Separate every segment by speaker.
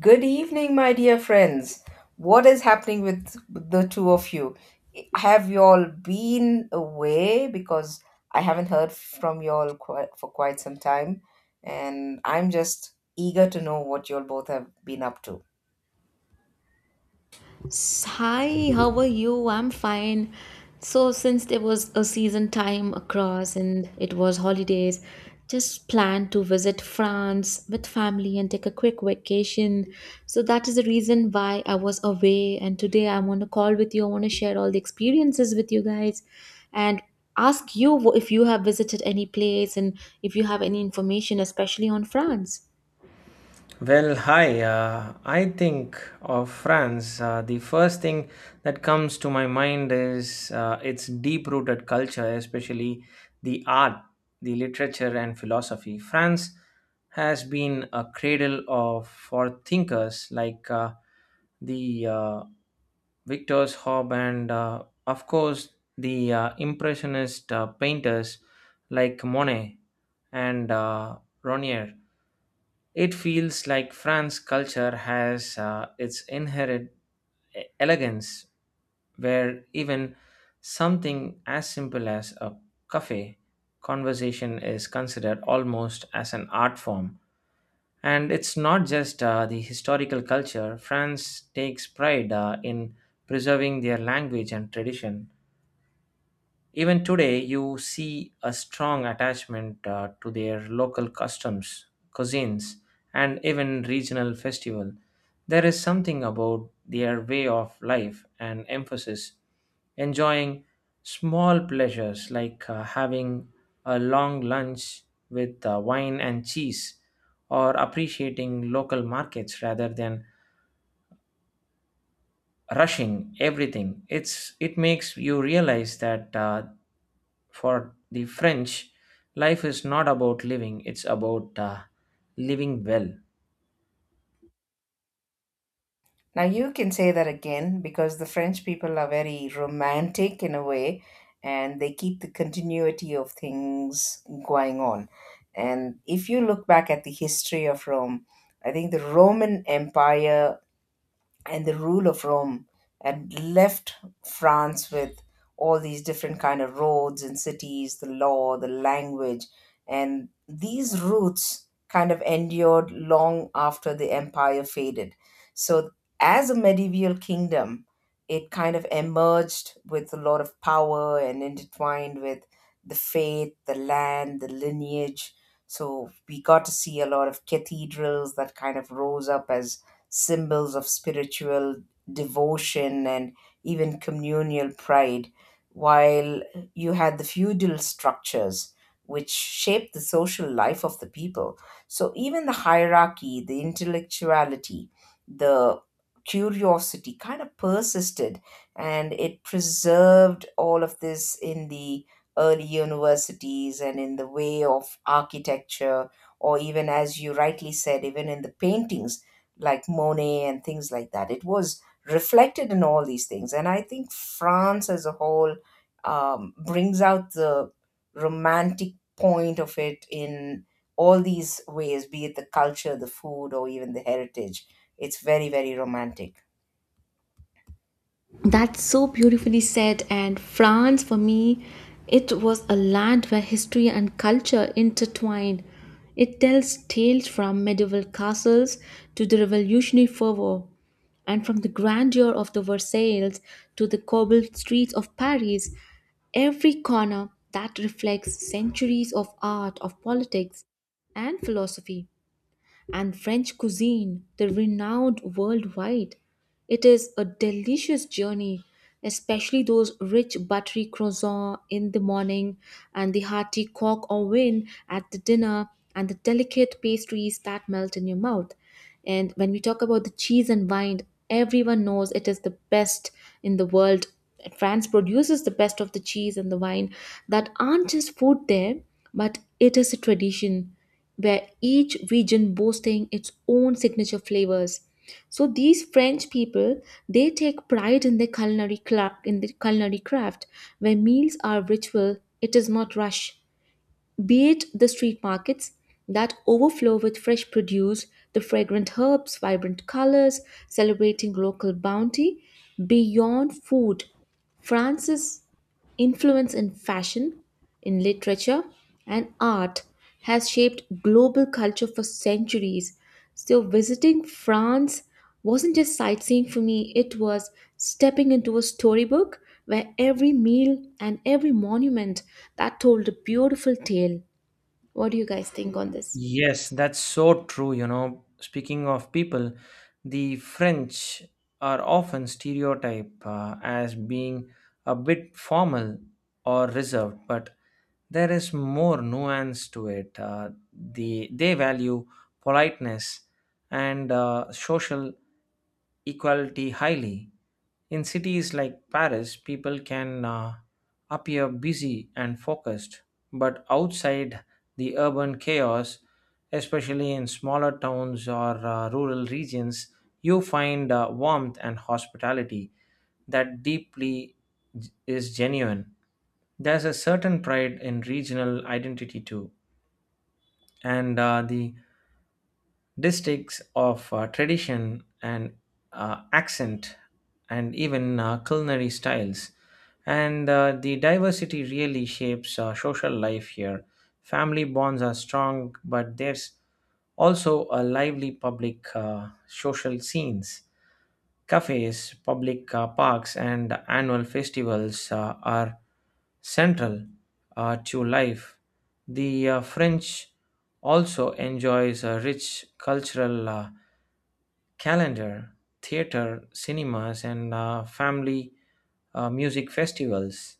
Speaker 1: Good evening, my dear friends. What is happening with the two of you? Have you all been away? Because I haven't heard from you all for quite some time, and I'm just eager to know what you all both have been up to.
Speaker 2: Hi, how are you? I'm fine. So, since there was a season time across and it was holidays, just planned to visit France with family and take a quick vacation. So, that is the reason why I was away. And today I'm on a call with you. I want to share all the experiences with you guys and ask you if you have visited any place and if you have any information, especially on France.
Speaker 3: Well, hi. I think of France. The first thing that comes to my mind is its deep rooted culture, especially the art, the literature, and philosophy. France has been a cradle of for thinkers like the Victor's Hob and, of course, the Impressionist painters like Monet and Ronier. It feels like France culture has its inherent elegance, where even something as simple as a cafe conversation is considered almost as an art form. And it's not just the historical culture. France takes pride in preserving their language and tradition. Even today, you see a strong attachment to their local customs, cuisines, and even regional festival. There is something about their way of life and emphasis enjoying small pleasures like having a long lunch with wine and cheese or appreciating local markets rather than rushing everything. It makes you realize that for the French, life is not about living, it's about living well.
Speaker 1: Now, you can say that again, because the French people are very romantic in a way and they keep the continuity of things going on. And if you look back at the history of Rome, I think the Roman Empire and the rule of Rome and left France with all these different kind of roads and cities, the law, the language, and these roots kind of endured long after the empire faded. So as a medieval kingdom, it kind of emerged with a lot of power and intertwined with the faith, the land, the lineage. So we got to see a lot of cathedrals that kind of rose up as symbols of spiritual devotion and even communal pride, while you had the feudal structures which shaped the social life of the people. So, even the hierarchy, the intellectuality, the curiosity kind of persisted and it preserved all of this in the early universities and in the way of architecture, or even, as you rightly said, even in the paintings like Monet and things like that. It was reflected in all these things. And I think France as a whole brings out the romantic point of it in all these ways, be it the culture, the food, or even the heritage. It's very, very romantic.
Speaker 2: That's so beautifully said. And France, for me, it was a land where history and culture intertwined. It tells tales from medieval castles to the revolutionary fervor, and from the grandeur of the Versailles to the cobbled streets of Paris. Every corner that reflects centuries of art, of politics, and philosophy and French cuisine, the renowned worldwide. It is a delicious journey, especially those rich buttery croissants in the morning and the hearty coq au vin at the dinner and the delicate pastries that melt in your mouth. And when we talk about the cheese and wine, everyone knows it is the best in the world. France produces the best of the cheese and the wine that aren't just food there, but it is a tradition where each region boasting its own signature flavors. So these French people they take pride in their culinary in their culinary craft, where meals are ritual, it is not rush. Be it the street markets that overflow with fresh produce, the fragrant herbs, vibrant colors, celebrating local bounty, beyond food, France's influence in fashion in literature and art has shaped global culture for centuries. So, visiting France wasn't just sightseeing for me, it was stepping into a storybook where every meal and every monument that told a beautiful tale. What do you guys think on this?
Speaker 3: Yes, that's so true. You know, speaking of people, the French are often stereotyped as being a bit formal or reserved, but there is more nuance to it. The they value politeness and social equality highly. In cities like Paris, people can appear busy and focused, but outside the urban chaos, especially in smaller towns or rural regions, you find warmth and hospitality that deeply is genuine. There's a certain pride in regional identity too, and the districts of tradition and accent and even culinary styles and the diversity really shapes social life here. Family bonds are strong, but there's also a lively public social scenes. Cafes, public parks, and annual festivals are central to life. The French also enjoys a rich cultural calendar, theater, cinemas, and family music festivals.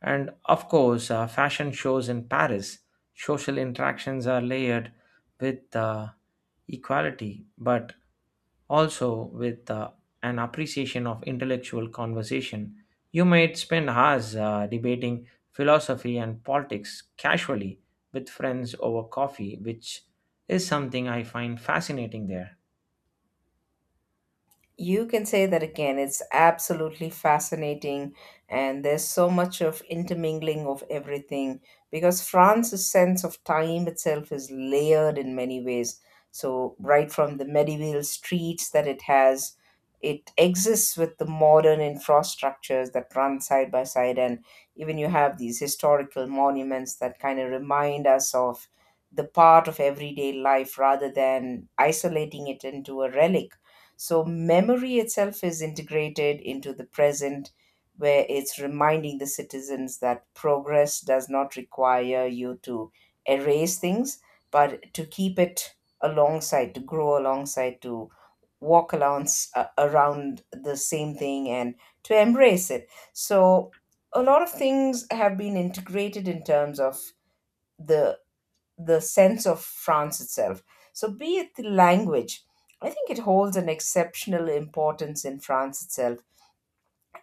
Speaker 3: And of course, fashion shows in Paris. Social interactions are layered with equality, but also with an appreciation of intellectual conversation. You might spend hours debating philosophy and politics casually with friends over coffee, which is something I find fascinating there.
Speaker 1: You can say that again. It's absolutely fascinating, and there's so much of intermingling of everything because France's sense of time itself is layered in many ways. So, right from the medieval streets that it has, it exists with the modern infrastructures that run side by side, and even you have these historical monuments that kind of remind us of the part of everyday life rather than isolating it into a relic, so memory itself is integrated into the present, where it's reminding the citizens that progress does not require you to erase things, but to keep it alongside, to grow alongside, to walk along around the same thing and to embrace it. So a lot of things have been integrated in terms of the the sense of France itself. So, be it the language, I think it holds an exceptional importance in France itself,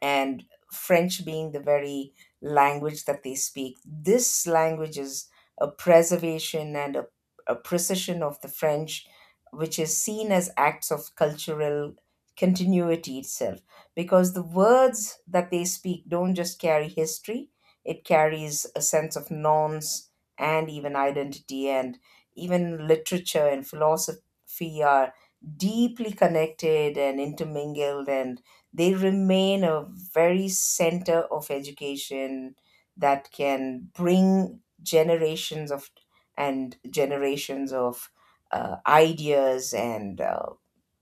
Speaker 1: and French being the very language that they speak. This language is a preservation and a precision of the French, which is seen as acts of cultural continuity itself, because the words that they speak don't just carry history, it carries a sense of norms and even identity, and even literature and philosophy are deeply connected and intermingled, and they remain a very center of education that can bring generations of and generations of ideas and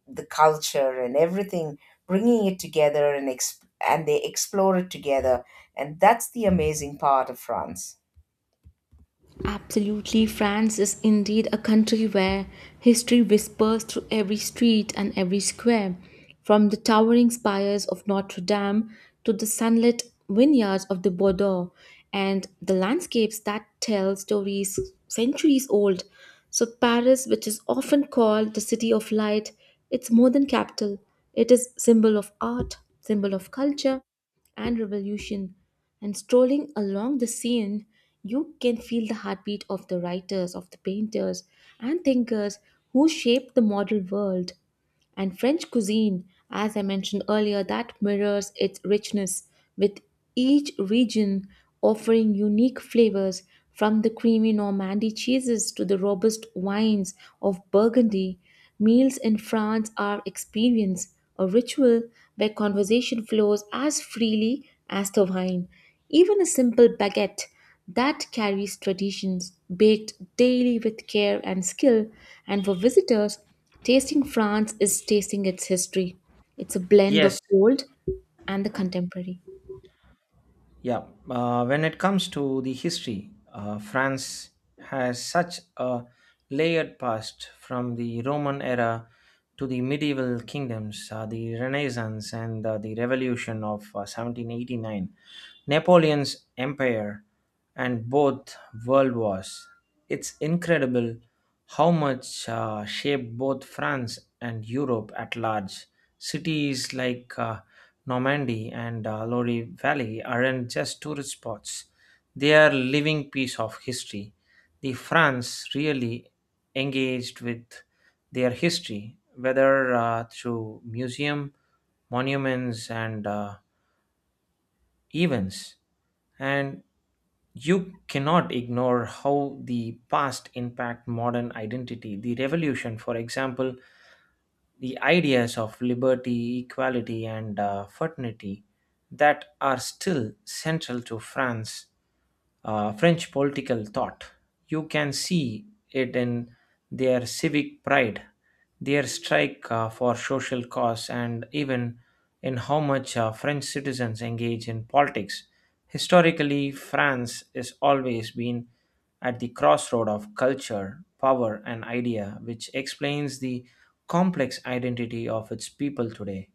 Speaker 1: the culture and everything, bringing it together and and they explore it together, and that's the amazing part of France.
Speaker 2: Absolutely, France is indeed a country where history whispers through every street and every square, from the towering spires of Notre Dame to the sunlit vineyards of the Bordeaux and the landscapes that tell stories centuries old. So, Paris, which is often called the city of light, it's more than capital. It is symbol of art, symbol of culture, and revolution. And strolling along the Seine, you can feel the heartbeat of the writers, of the painters, and thinkers who shaped the modern world. And French cuisine, as I mentioned earlier, that mirrors its richness, with each region offering unique flavors from the creamy Normandy cheeses to the robust wines of Burgundy. Meals in France are experience, a ritual where conversation flows as freely as the wine. Even a simple baguette that carries traditions baked daily with care and skill, and for visitors, tasting France is tasting its history. It's a blend of
Speaker 3: Yes,
Speaker 2: old and the contemporary.
Speaker 3: yeah. When it comes to the history, France has such a layered past, from the Roman era to the medieval kingdoms, the Renaissance, and the Revolution of 1789. Napoleon's empire, and both world wars. It's incredible how much shaped both France and Europe at large. Cities like Normandy and Lodi Valley aren't just tourist spots, they are living piece of history. The France really engaged with their history, whether through museum, monuments, and events. And you cannot ignore how the past impact modern identity, the revolution for example, the ideas of liberty, equality, and fraternity that are still central to France, French political thought. You can see it in their civic pride, their strike for social cause, and even in how much French citizens engage in politics. Historically, France has always been at the crossroad of culture, power, and idea, which explains the complex identity of its people today.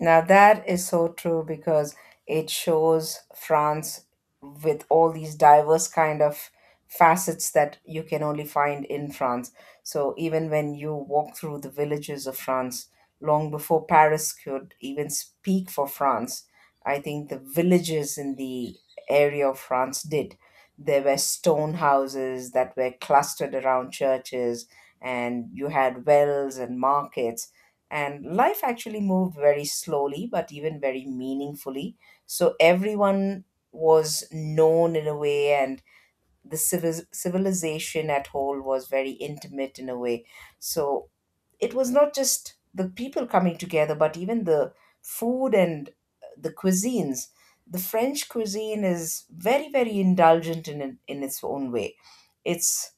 Speaker 1: Now, that is so true because it shows France with all these diverse kind of facets that you can only find in France. So, even when you walk through the villages of France, long before Paris could even speak for France, I think the villages in the area of France did. There were stone houses that were clustered around churches, and you had wells and markets, and life actually moved very slowly, but even very meaningfully. So everyone was known in a way, and the civilization at whole was very intimate in a way. So it was not just the people coming together, but even the food and the cuisines. The French cuisine is very, very indulgent in its own way. It's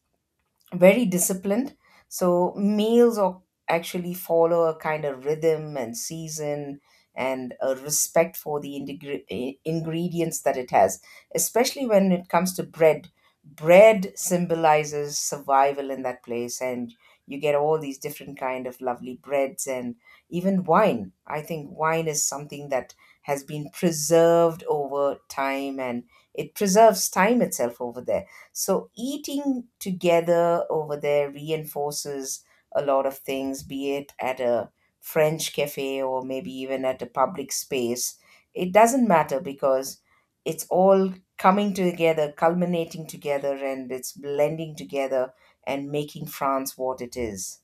Speaker 1: very disciplined. So males are actually follow a kind of rhythm and season and a respect for the ingredients that it has, especially when it comes to bread. Bread symbolizes survival in that place, and you get all these different kind of lovely breads and even wine. I think wine is something that has been preserved over time, and it preserves time itself over there, so eating together over there reinforces a lot of things, be it at a French cafe or maybe even at a public space. It doesn't matter, because it's all coming together, culminating together, and it's blending together and making France what it is.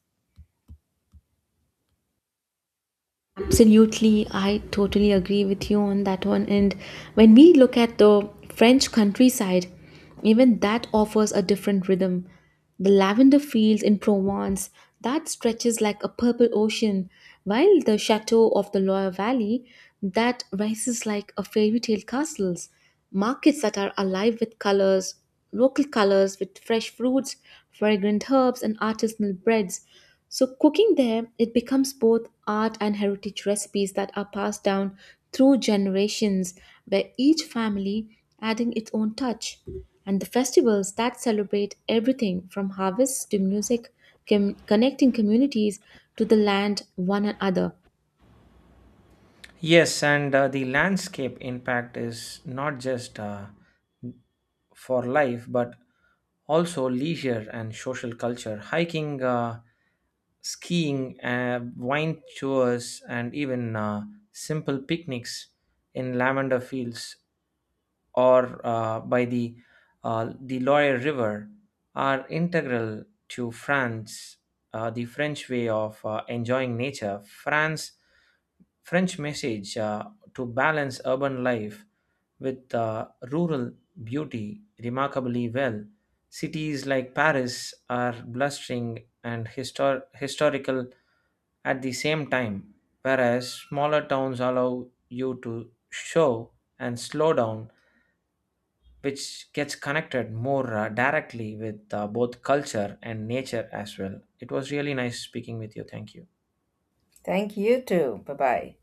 Speaker 2: Absolutely, I totally agree with you on that one. And when we look at the French countryside, even that offers a different rhythm. The lavender fields in Provence that stretches like a purple ocean, while the chateau of the Loire Valley that rises like a fairy tale castles. Markets that are alive with colors, local colors with fresh fruits, fragrant herbs, and artisanal breads. So, cooking there, it becomes both art and heritage recipes that are passed down through generations, where each family adding its own touch. And the festivals that celebrate everything from harvests to music, connecting communities to the land one another.
Speaker 3: Yes, and the landscape impact is not just for life, but also leisure and social culture, hiking, skiing, wine tours, and even simple picnics in lavender fields or by the Loire River are integral to France, the French way of enjoying nature. France French message to balance urban life with rural beauty remarkably well. Cities like Paris are blustering and historical at the same time, whereas smaller towns allow you to show and slow down, which gets connected more directly with both culture and nature as well. It was really nice speaking with you. Thank you.
Speaker 1: Thank you too. Bye bye.